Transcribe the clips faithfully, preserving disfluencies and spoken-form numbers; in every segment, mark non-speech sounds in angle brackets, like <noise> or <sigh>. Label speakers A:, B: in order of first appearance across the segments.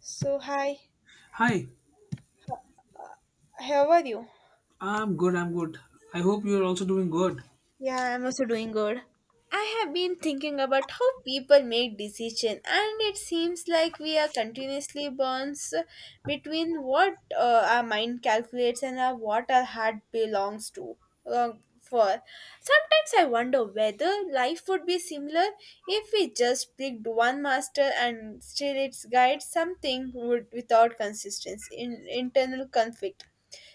A: So, hi,
B: Hi,
A: how are you?
B: I'm good, I'm good. I hope you're also doing good.
A: Yeah, I'm also doing good. I have been thinking about how people make decisions, and it seems like we are continuously bonds between what uh, our mind calculates and our, what our heart belongs to. Uh, for sometimes I wonder whether life would be similar if we just picked one master and still its guide something would without consistency in internal conflict.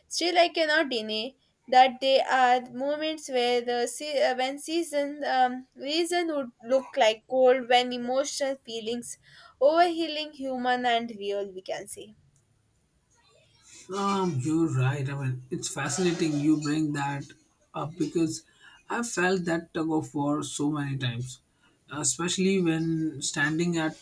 A: Still, I cannot deny that there are moments where the se- uh, when season um, reason would look like cold, when emotional feelings overhealing human and real, we can say.
B: Um, you're right. I mean, it's fascinating you bring that up because I've felt that tug of war so many times, especially when standing at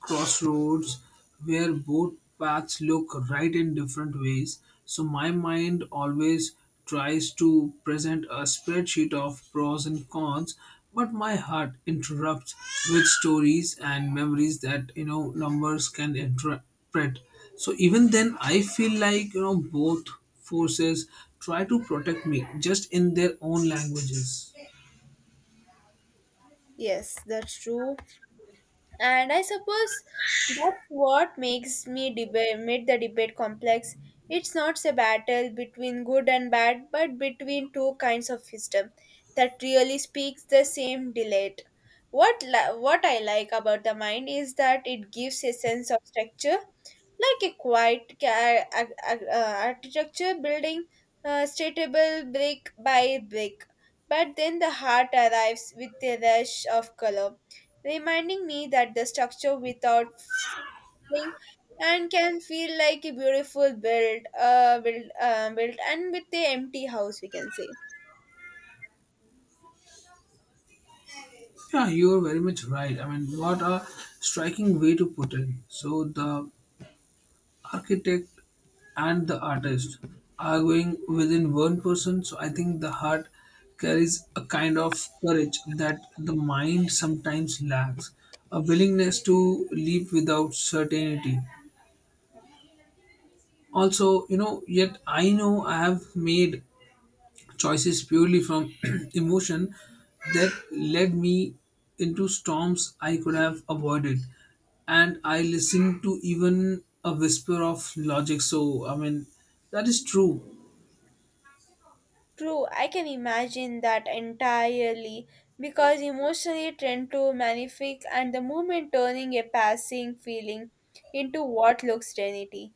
B: crossroads where both paths look right in different ways. So my mind always tries to present a spreadsheet of pros and cons, but my heart interrupts with stories and memories that you know numbers can interpret. So even then, I feel like you know both forces try to protect me just in their own languages.
A: Yes, that's true. And I suppose that's what makes me debate made the debate complex. It's not a battle between good and bad, but between two kinds of wisdom that really speaks the same delight. What li- what I like about the mind is that it gives a sense of structure like a quiet ca- ar- ar- uh, architecture building uh, stateable brick by brick. But then the heart arrives with a rush of color, reminding me that the structure without feeling and can feel like a beautiful build, uh, build, uh, built and with the empty house, we can say.
B: Yeah, you are very much right. I mean, what a striking way to put it. So the architect and the artist are going within one person. So I think the heart carries a kind of courage that the mind sometimes lacks, a willingness to live without certainty. Also, you know, yet I know I have made choices purely from <clears throat> emotion that led me into storms I could have avoided. And I listened to even a whisper of logic. So, I mean, that is true.
A: True, I can imagine that entirely because emotionally tend to magnific and the movement turning a passing feeling into what looks reality.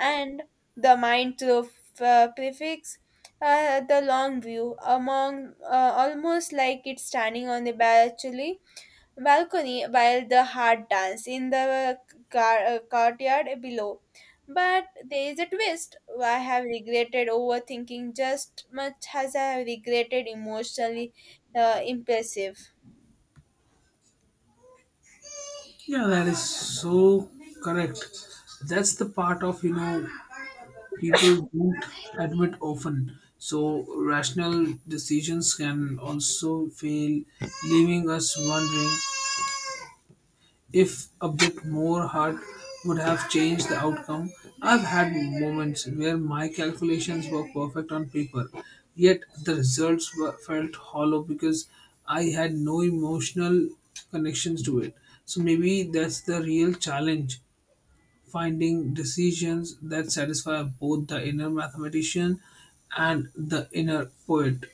A: And the mind through uh, prefix uh, the long view among uh, almost like it's standing on the balcony balcony while the heart dance in the car- uh, courtyard below. But there is a twist. I have regretted overthinking just much as I have regretted emotionally uh, impulsive.
B: Yeah, that is so correct. That's the part of, you know, people don't admit often. So, rational decisions can also fail, leaving us wondering if a bit more heart would have changed the outcome. I've had moments where my calculations were perfect on paper, yet the results were, felt hollow because I had no emotional connections to it. So maybe that's the real challenge finding decisions that satisfy both the inner mathematician and the inner poet.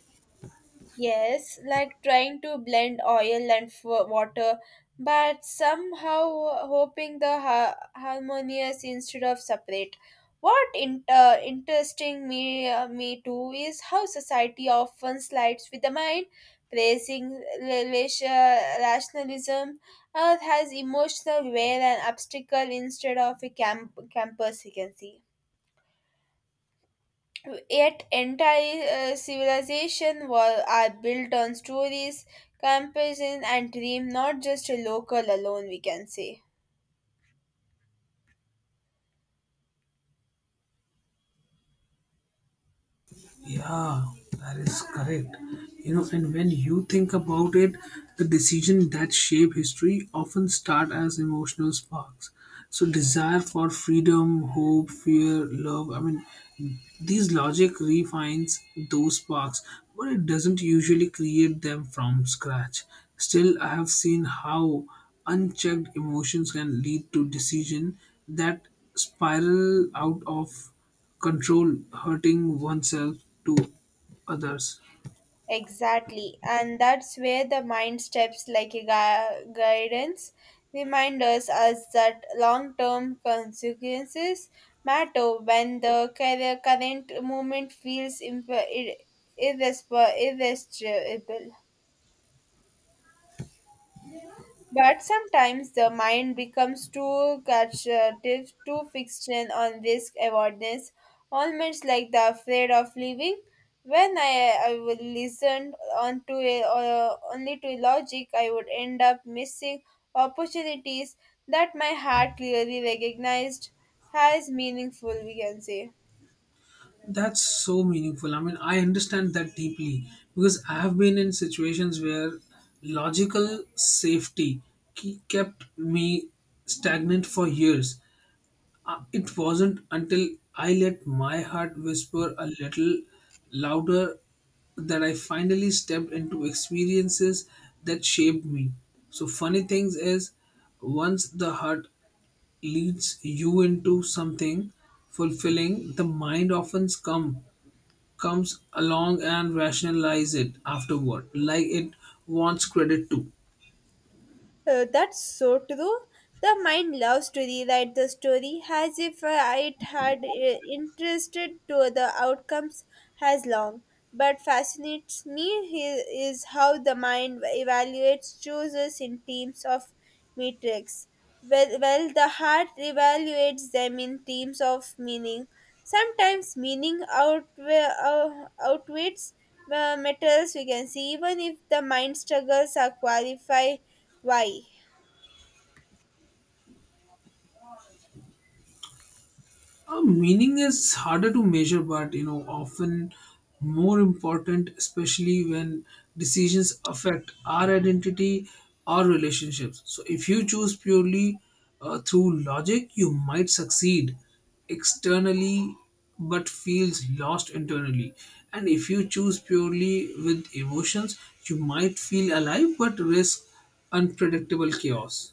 A: Yes, like trying to blend oil and f- water, but somehow hoping the ha- harmonious instead of separate. What in- uh, interesting me uh, me too is how society often slides with the mind, praising rela- rationalism, or has emotional wear and obstacle instead of a camp- campus vacancy. Yet entire uh, civilization were, are built on stories, comparison, and dream, not just a local alone, we can say.
B: Yeah, that is correct. You know, and when you think about it, the decisions that shape history often start as emotional sparks. So, desire for freedom, hope, fear, love I mean, these logic refines those sparks, but it doesn't usually create them from scratch. Still, I have seen how unchecked emotions can lead to decision that spiral out of control hurting oneself to others.
A: Exactly, and that's where the mind steps like a gui- guidance remind us as that long-term consequences matter when the cur- current moment feels imp- ir- irresp- irresistible. But sometimes the mind becomes too catchative, too fixed in on risk awareness, almost like the afraid of leaving. When I, I would listen on to, uh, only to logic, I would end up missing opportunities that my heart clearly recognized as meaningful, we can say.
B: That's so meaningful. I mean, I understand that deeply because I have been in situations where logical safety ke- kept me stagnant for years. Uh, it wasn't until I let my heart whisper a little louder that I finally stepped into experiences that shaped me. So funny things is once the heart leads you into something fulfilling, the mind often come, comes along and rationalize it afterward, like it wants credit too.
A: Uh, that's so true. The mind loves to rewrite the story as if uh, it had uh, interested to the outcomes as long. But fascinates me he- is how the mind evaluates choices in teams of metrics. Well, well, the heart evaluates them in teams of meaning. Sometimes meaning outwe- uh, outweighs uh, matters, we can see, even if the mind struggles are qualify why.
B: Uh, meaning is harder to measure, but you know, often more important, especially when decisions affect our identity or relationships. So, if you choose purely uh, through logic, you might succeed externally but feels lost internally. And if you choose purely with emotions, you might feel alive but risk unpredictable chaos.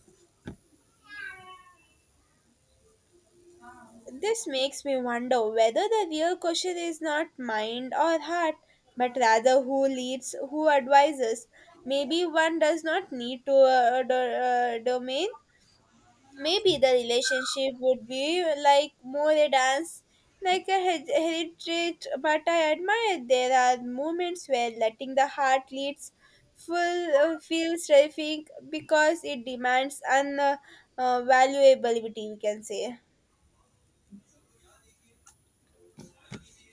A: This makes me wonder whether the real question is not mind or heart, but rather who leads, who advises. Maybe one does not need to uh, do- uh, domain maybe the relationship would be like more a dance like a he- heritage but I admire there are moments where letting the heart leads full uh, feels terrific because it demands an uh, uh, valuability we can say.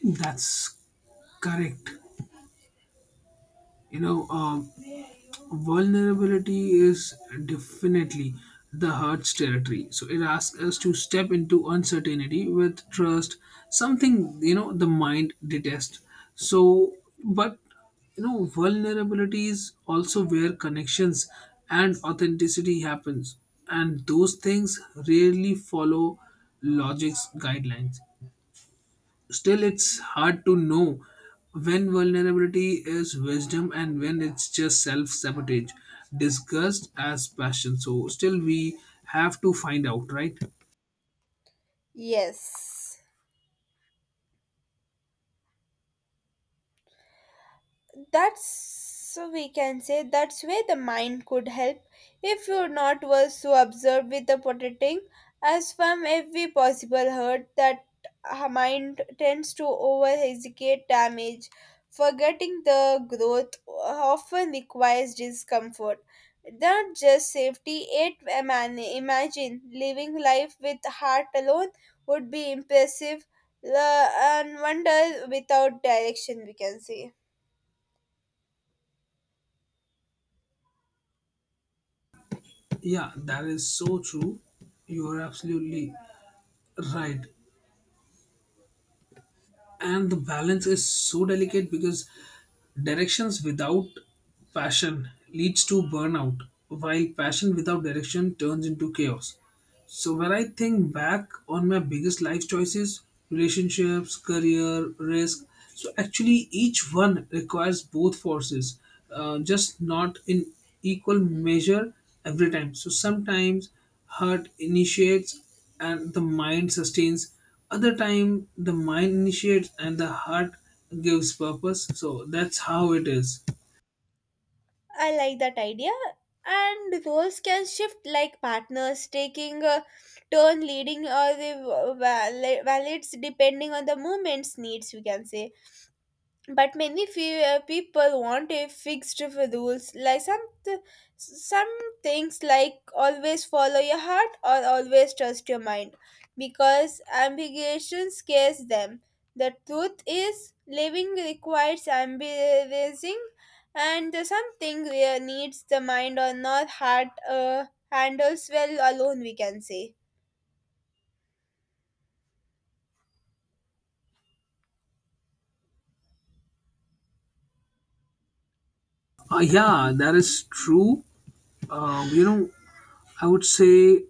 B: That's correct. You know, um, vulnerability is definitely the heart's territory, so it asks us to step into uncertainty with trust, something you know the mind detests. So but you know vulnerability is also where connections and authenticity happens, and those things rarely follow logic's guidelines. Still, it's hard to know when vulnerability is wisdom and when it's just self sabotage, disgust as passion. So, still, we have to find out, right?
A: Yes, that's so we can say that's where the mind could help if you're not was so observed with the protecting as from every possible hurt that our mind tends to over execute damage forgetting the growth often requires discomfort, not just safety. It eman- imagine living life with heart alone would be impressive uh, and wonder without direction we can say.
B: Yeah, that is so true. You are absolutely right. And the balance is so delicate because directions without passion leads to burnout, while passion without direction turns into chaos. So when I think back on my biggest life choices, relationships, career, risk, so actually each one requires both forces, uh, just not in equal measure every time. So sometimes heart initiates and the mind sustains. Other time the mind initiates and the heart gives purpose. So that's how it is.
A: I like that idea. And roles can shift like partners taking a turn leading or the va- valids depending on the moment's needs, we can say, but many few uh, people want a fixed rules like some th- some things like always follow your heart or always trust your mind because ambiguity scares them. The truth is living requires ambivalency and something real needs the mind or not heart uh, handles well alone, we can say.
B: Uh, yeah, that is true. Um, you know, I would say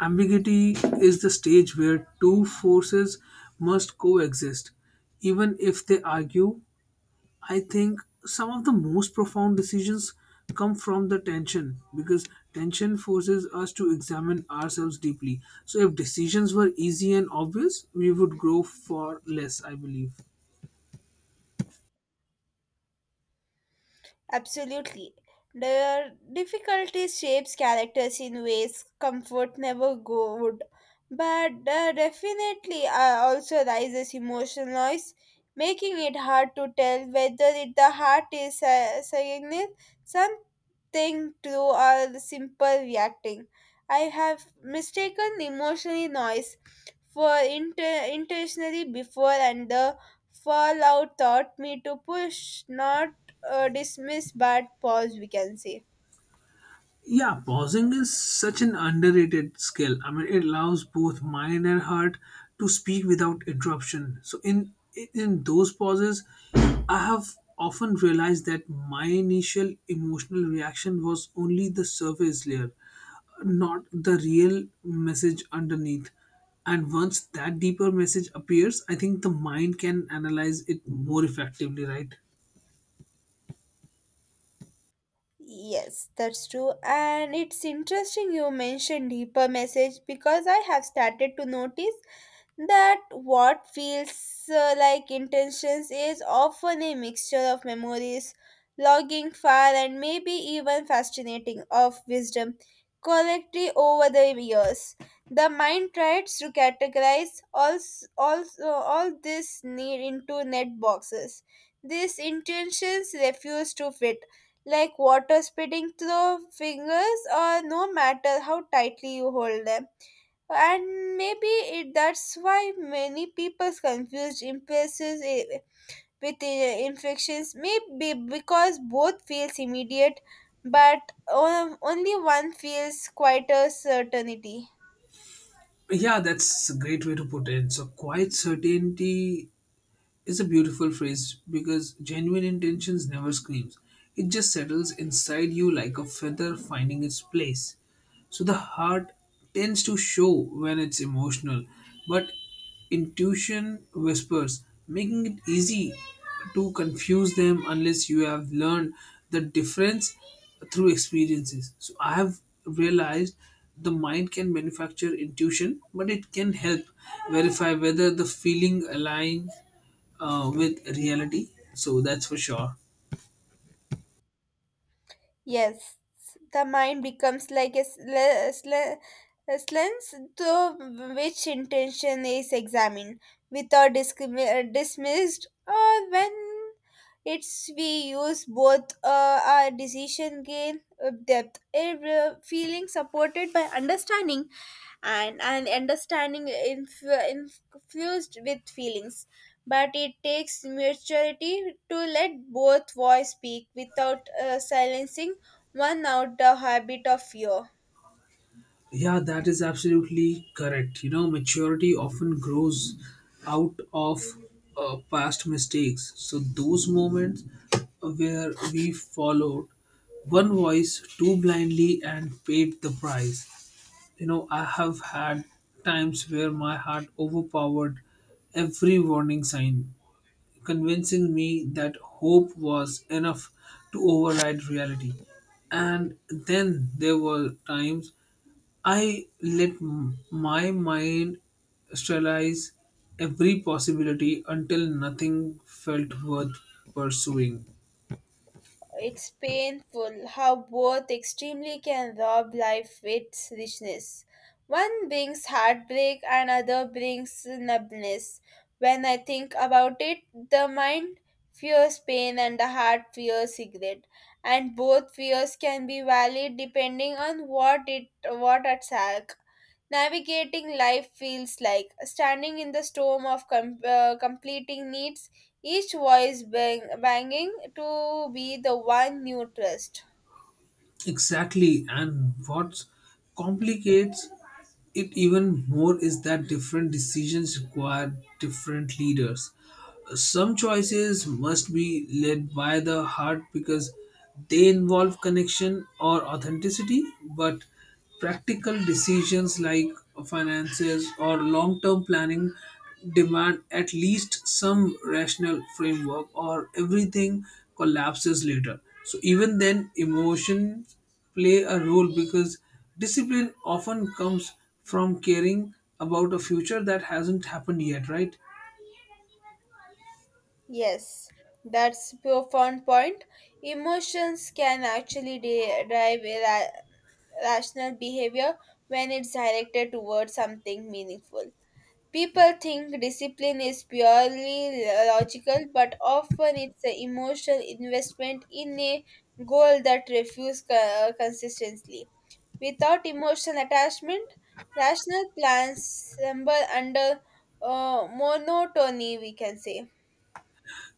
B: Ambiguity is the stage where two forces must coexist, even if they argue. I think some of the most profound decisions come from the tension because tension forces us to examine ourselves deeply. So, if decisions were easy and obvious, we would grow far less, I believe.
A: Absolutely. The difficulty shapes characters in ways comfort never go would. But there definitely uh, also raises emotional noise, making it hard to tell whether it, the heart is uh, saying something true or simple reacting. I have mistaken emotional noise for inter- intentionally before, and the fallout taught me to push, not uh, dismiss but pause, we can say.
B: Yeah, pausing is such an underrated skill. I mean, it allows both mind and heart to speak without interruption. So in in those pauses, I have often realized that my initial emotional reaction was only the surface layer, not the real message underneath. And once that deeper message appears, I think the mind can analyze it more effectively, right?
A: Yes, that's true. And it's interesting you mentioned deeper message because I have started to notice that what feels uh, like intentions is often a mixture of memories, logging fire, and maybe even fascinating of wisdom collectively over the years. The mind tries to categorize all, all, all this need into net boxes. These intentions refuse to fit, like water spitting through fingers, or no matter how tightly you hold them. And maybe it that's why many people confuse impulses i- with i- infections maybe because both feels immediate but o- only one feels quite a certainty.
B: Yeah, that's a great way to put it. So, quiet certainty is a beautiful phrase because genuine intentions never screams. It just settles inside you like a feather finding its place. So the heart tends to show when it's emotional, but intuition whispers, making it easy to confuse them unless you have learned the difference through experiences. So I have realized the mind can manufacture intuition, but it can help verify whether the feeling aligns uh, with reality. So that's for sure.
A: Yes, the mind becomes like a, sl- a, sl- a lens through which intention is examined without discrimi- uh, dismissed or when it's we use both uh, our decision gain uh, depth, uh, feeling supported by understanding, and and understanding inf- infused with feelings. But it takes maturity to let both voice speak without uh, silencing one out the habit of fear.
B: Yeah, that is absolutely correct. You know, maturity often grows out of uh, past mistakes. So those moments where we followed one voice too blindly and paid the price. You know, I have had times where my heart overpowered every warning sign convincing me that hope was enough to override reality. And then there were times I let m- my mind sterilize every possibility until nothing felt worth pursuing.
A: It's painful how both extremely can rob life its richness. One brings heartbreak, another brings numbness. When I think about it, the mind fears pain and the heart fears regret, and both fears can be valid depending on what it what at stake. Navigating life feels like standing in the storm of com- uh, completing needs, each voice bang- banging to be the one you trust.
B: Exactly, and what complicates it even more is that different decisions require different leaders. Some choices must be led by the heart because they involve connection or authenticity, but practical decisions like finances or long term planning demand at least some rational framework, or everything collapses later. So, even then, emotions play a role because discipline often comes from caring about a future that hasn't happened yet, right?
A: Yes, that's profound point. Emotions can actually de- drive ra- rational behavior when it's directed towards something meaningful. People think discipline is purely logical, but often it's an emotional investment in a goal that refuses co- consistently. Without emotional attachment, rational plans stumble under uh, monotony, we can say.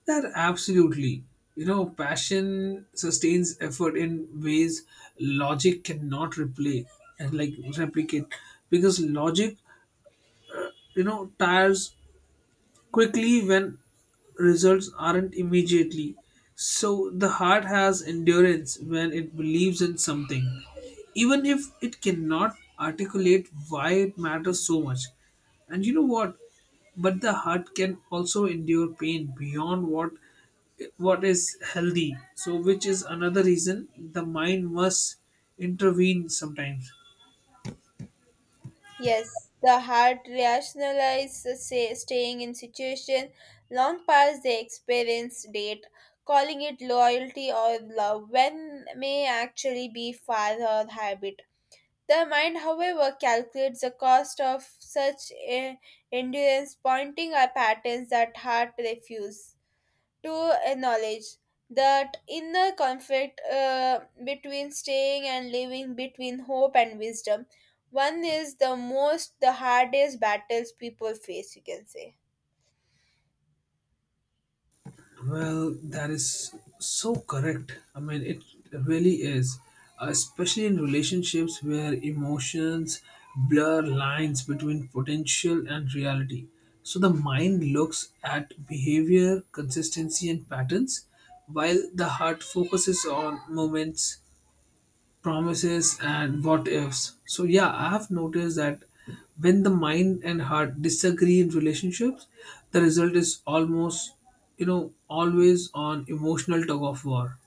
B: That absolutely. You know, passion sustains effort in ways logic cannot replay and like replicate because logic, you know, tires quickly when results aren't immediately. So the heart has endurance when it believes in something, even if it cannot articulate why it matters so much. And you know what? But the heart can also endure pain beyond what what is healthy. So which is another reason the mind must intervene sometimes.
A: Yes, the heart rationalizes say, staying in situation long past the experience date, calling it loyalty or love when may actually be father habit. The mind, however, calculates the cost of such eh, endurance, pointing at patterns that heart refuse to acknowledge that inner conflict uh, between staying and living, between hope and wisdom. One is the most, the hardest battles people face, you can say.
B: Well, that is so correct. I mean, it really is, uh, especially in relationships where emotions blur lines between potential and reality. So the mind looks at behavior, consistency, and patterns, while the heart focuses on moments promises and what ifs. So yeah, I have noticed that when the mind and heart disagree in relationships, the result is almost you know always on emotional tug of war.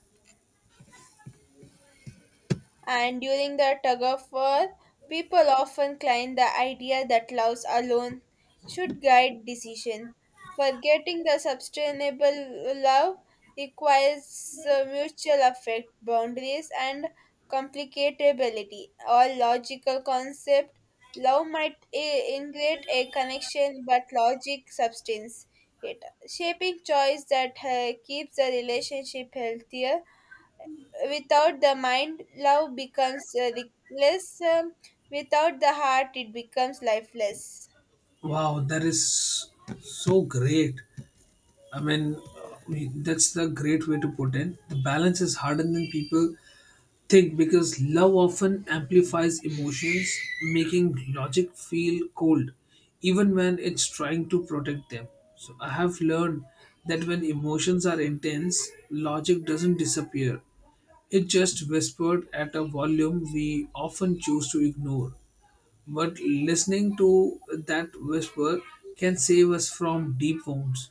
A: And during the tug of war, people often claim the idea that love alone should guide decision. Forgetting the sustainable love requires uh, mutual affect, boundaries, and complicatability. All logical concept, love might i- integrate a connection, but logic substance it, shaping choice that uh, keeps the relationship healthier. Without the mind, love becomes uh, reckless. Um, without the heart, it becomes lifeless.
B: Wow, that is so great. I mean, uh, we- that's the great way to put in. The balance is harder than people Thick because love often amplifies emotions, making logic feel cold, even when it's trying to protect them. So I have learned that when emotions are intense, logic doesn't disappear. It just whispered at a volume we often choose to ignore. But listening to that whisper can save us from deep wounds.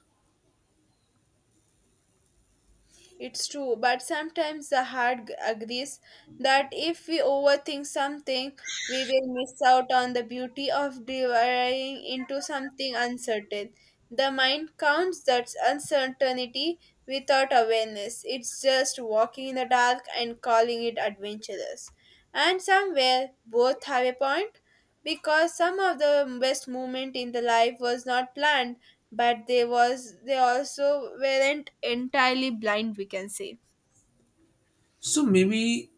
A: It's true, but sometimes the heart g- agrees that if we overthink something, we will miss out on the beauty of diving into something uncertain. The mind counts that uncertainty without awareness. It's just walking in the dark and calling it adventurous. And somewhere, both have a point because some of the best moment in the life was not planned, but they was they also weren't entirely blind, we can say.
B: So maybe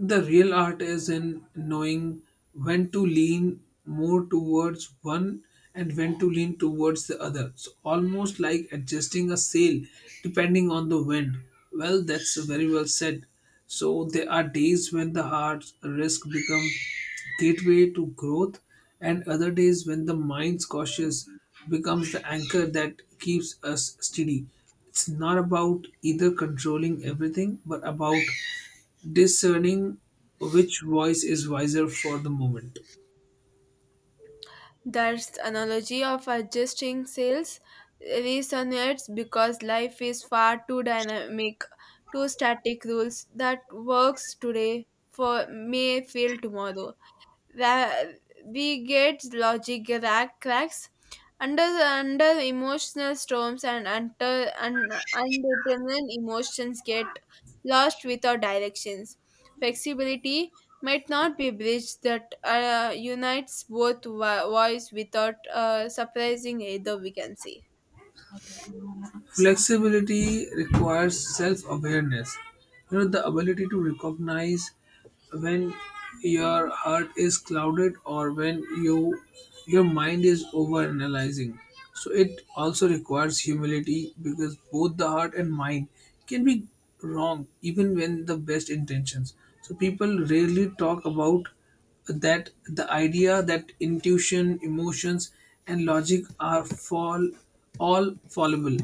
B: the real art is in knowing when to lean more towards one and when to lean towards the other. So almost like adjusting a sail depending on the wind. Well, that's very well said. So there are days when the heart risk becomes gateway to growth and other days when the mind's cautious becomes the anchor that keeps us steady. It's not about either controlling everything but about discerning which voice is wiser for the moment.
A: Thus, analogy of adjusting sales resonates because life is far too dynamic, too static rules that works today for may fail tomorrow. Ra- we get logic ra- cracks under under emotional storms and under and undetermined emotions get lost without directions. Flexibility might not be a bridge that uh, unites both vo- voice without uh, surprising either. We can see.
B: Flexibility requires self awareness, you know, the ability to recognize when your heart is clouded or when you your mind is over analyzing. So it also requires humility because both the heart and mind can be wrong even when the best intentions. So people rarely talk about that the idea that intuition, emotions, and logic are fall all fallible.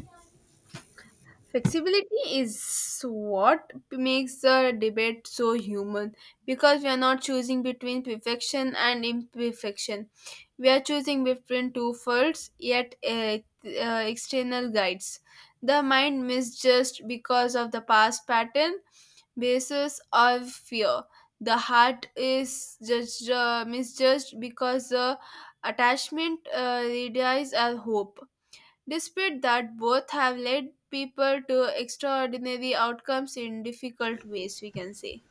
A: Flexibility is what makes the debate so human because we are not choosing between perfection and imperfection. We are choosing between two faults yet uh, uh, external guides. The mind misjudged because of the past pattern, basis, or fear. The heart is judged, uh, misjudged because the attachment uh, relies on hope. Despite that, both have led people to extraordinary outcomes in difficult ways, we can say.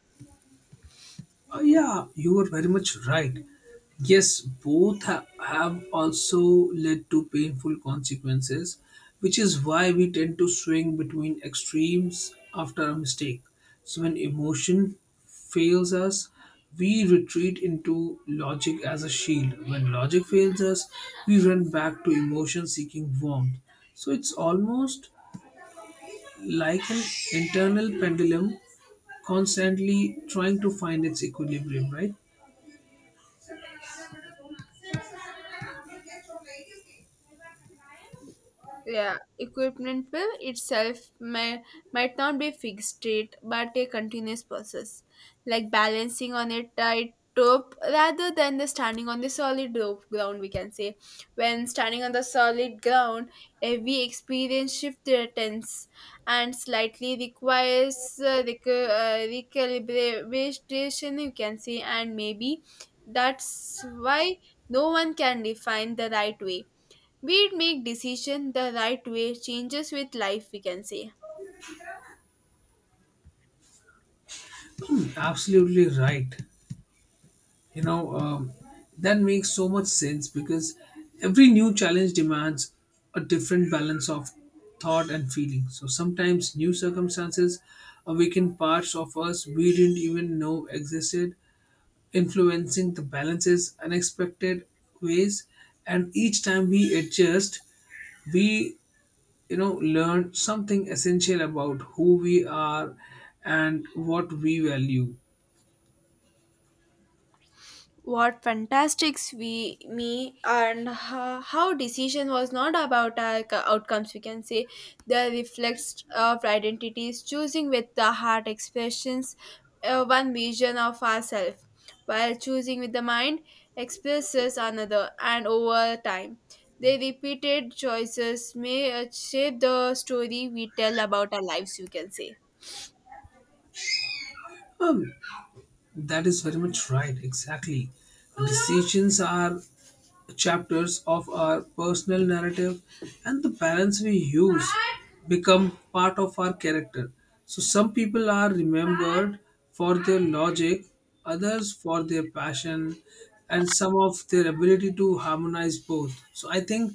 B: Uh, yeah, you are very much right. Yes, both ha- have also led to painful consequences, which is why we tend to swing between extremes after a mistake. So, when emotion fails us, we retreat into logic as a shield. When logic fails us, we run back to emotion seeking warmth. So, it's almost like an internal pendulum constantly trying to find its equilibrium, right?
A: Yeah, equipment will itself may, might not be fixed rate but a continuous process, like balancing on a tight rope rather than the standing on the solid rope ground. We can say when standing on the solid ground, every experience shift their tense and slightly requires uh, rec- uh, recalibration. You can say, and maybe that's why no one can define the right way. We'd make decision the right way changes with life, we can say.
B: Absolutely right. You know, um, that makes so much sense because every new challenge demands a different balance of thought and feeling. So sometimes new circumstances awaken parts of us we didn't even know existed, influencing the balances unexpected ways. And each time we adjust, we you know learn something essential about who we are and what we value.
A: What fantastics we me and ho- how decision was not about our c- outcomes we can say the reflex of identities choosing with the heart expressions uh, one vision of ourselves while choosing with the mind expresses another and over time the repeated choices may uh, shape the story we tell about our lives, you can say.
B: Um, That is very much right, exactly. Decisions are chapters of our personal narrative, and the parents we use become part of our character. So, some people are remembered for their logic, others for their passion, and some of their ability to harmonize both. So, I think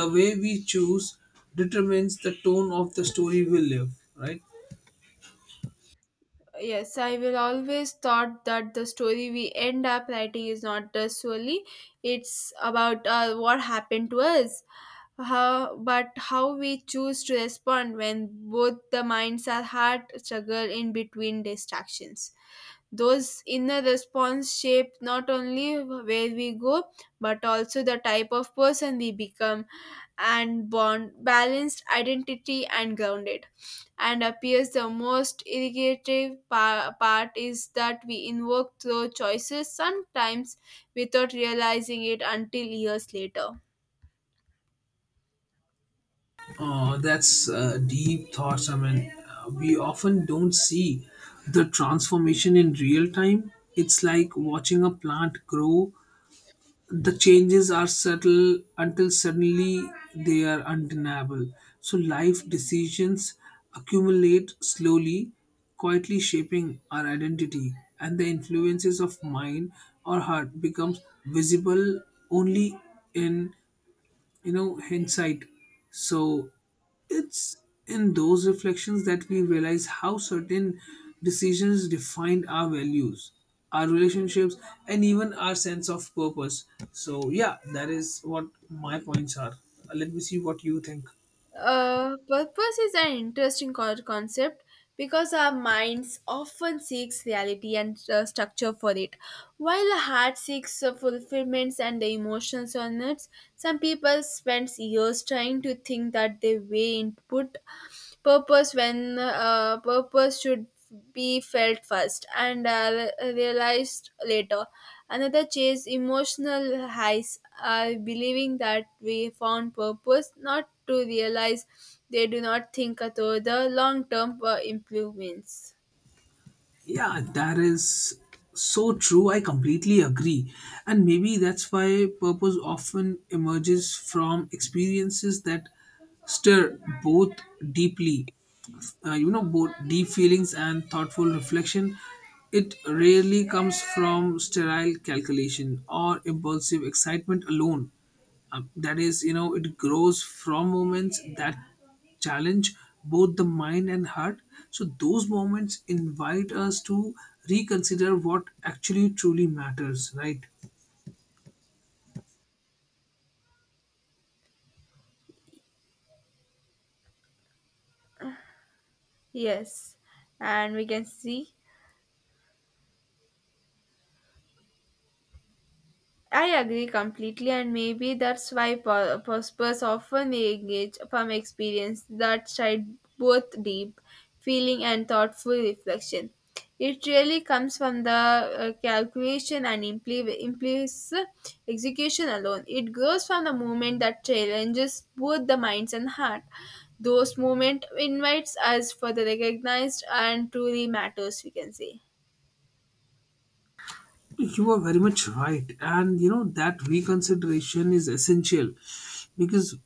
B: the way we choose determines the tone of the story we live, right?
A: Yes, I will always thought that the story we end up writing is not just solely it's about uh, what happened to us, how, but how we choose to respond when both the minds are hard struggle in between distractions. Those inner response shape not only where we go, but also the type of person we become and bond balanced identity and grounded and appears the most irritative pa- part is that we invoke those choices sometimes without realizing it until years later.
B: Oh, that's uh, deep thoughts. I mean, uh, we often don't see the transformation in real time. It's like watching a plant grow. The changes are subtle until suddenly they are undeniable. So, life decisions accumulate slowly, quietly shaping our identity, and the influences of mind or heart becomes visible only in you know hindsight. So it's in those reflections that we realize how certain decisions defined our values, our relationships, and even our sense of purpose. So yeah, that is what my points are. Uh, let me see what you think.
A: Uh, purpose is an interesting co- concept because our minds often seeks reality and uh, structure for it. While the heart seeks uh, fulfillments and the emotions on it, some people spend years trying to think that their way input purpose when uh, purpose should be felt first and uh, realized later. Another chase emotional highs, uh, believing that we found purpose, not to realize they do not think through the long term improvements.
B: Yeah, that is so true. I completely agree. And maybe that's why purpose often emerges from experiences that stir both deeply, uh, you know, both deep feelings and thoughtful reflection. It rarely comes from sterile calculation or impulsive excitement alone. Uh, that is, you know, it grows from moments that challenge both the mind and heart. So, those moments invite us to reconsider what actually truly matters, right?
A: Yes, and we can see. I agree completely, and maybe that's why po- Prospers often engage from experience that side both deep feeling and thoughtful reflection. It really comes from the uh, calculation and impl- implies execution alone. It grows from the moment that challenges both the minds and heart. Those moment invites us for the recognized and truly matters, we can say.
B: You are very much right. And you know, that reconsideration is essential because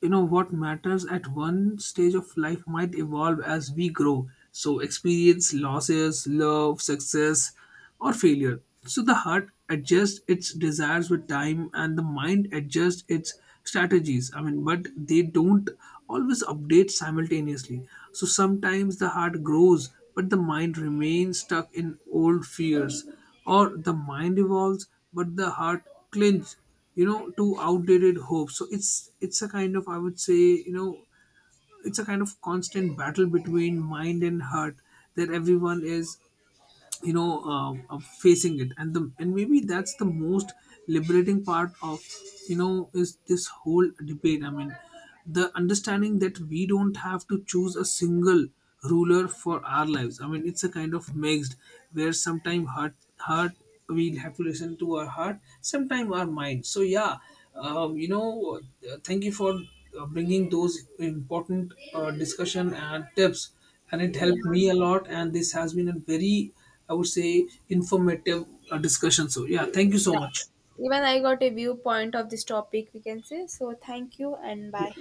B: you know what matters at one stage of life might evolve as we grow. So, experience, losses, love, success, or failure. So, the heart adjusts its desires with time and the mind adjusts its strategies. I mean, but they don't always update simultaneously. So, sometimes the heart grows, but the mind remains stuck in old fears or the mind evolves but the heart clings you know to outdated hopes. So it's it's a kind of I would say, you know, it's a kind of constant battle between mind and heart that everyone is you know uh, of facing it. And the and maybe that's the most liberating part of, you know, is this whole debate. I mean, the understanding that we don't have to choose a single ruler for our lives. I mean, it's a kind of mixed where sometimes heart heart we'll have to listen to our heart sometimes our mind. So yeah, um, you know, uh, thank you for uh, bringing those important uh, discussion and tips, and it
A: Yeah.
B: helped me a lot, and this has been a very I would say informative uh, discussion. So yeah, thank you so
A: Yeah.
B: much.
A: Even I got a viewpoint of this topic, we can say. So thank you and bye.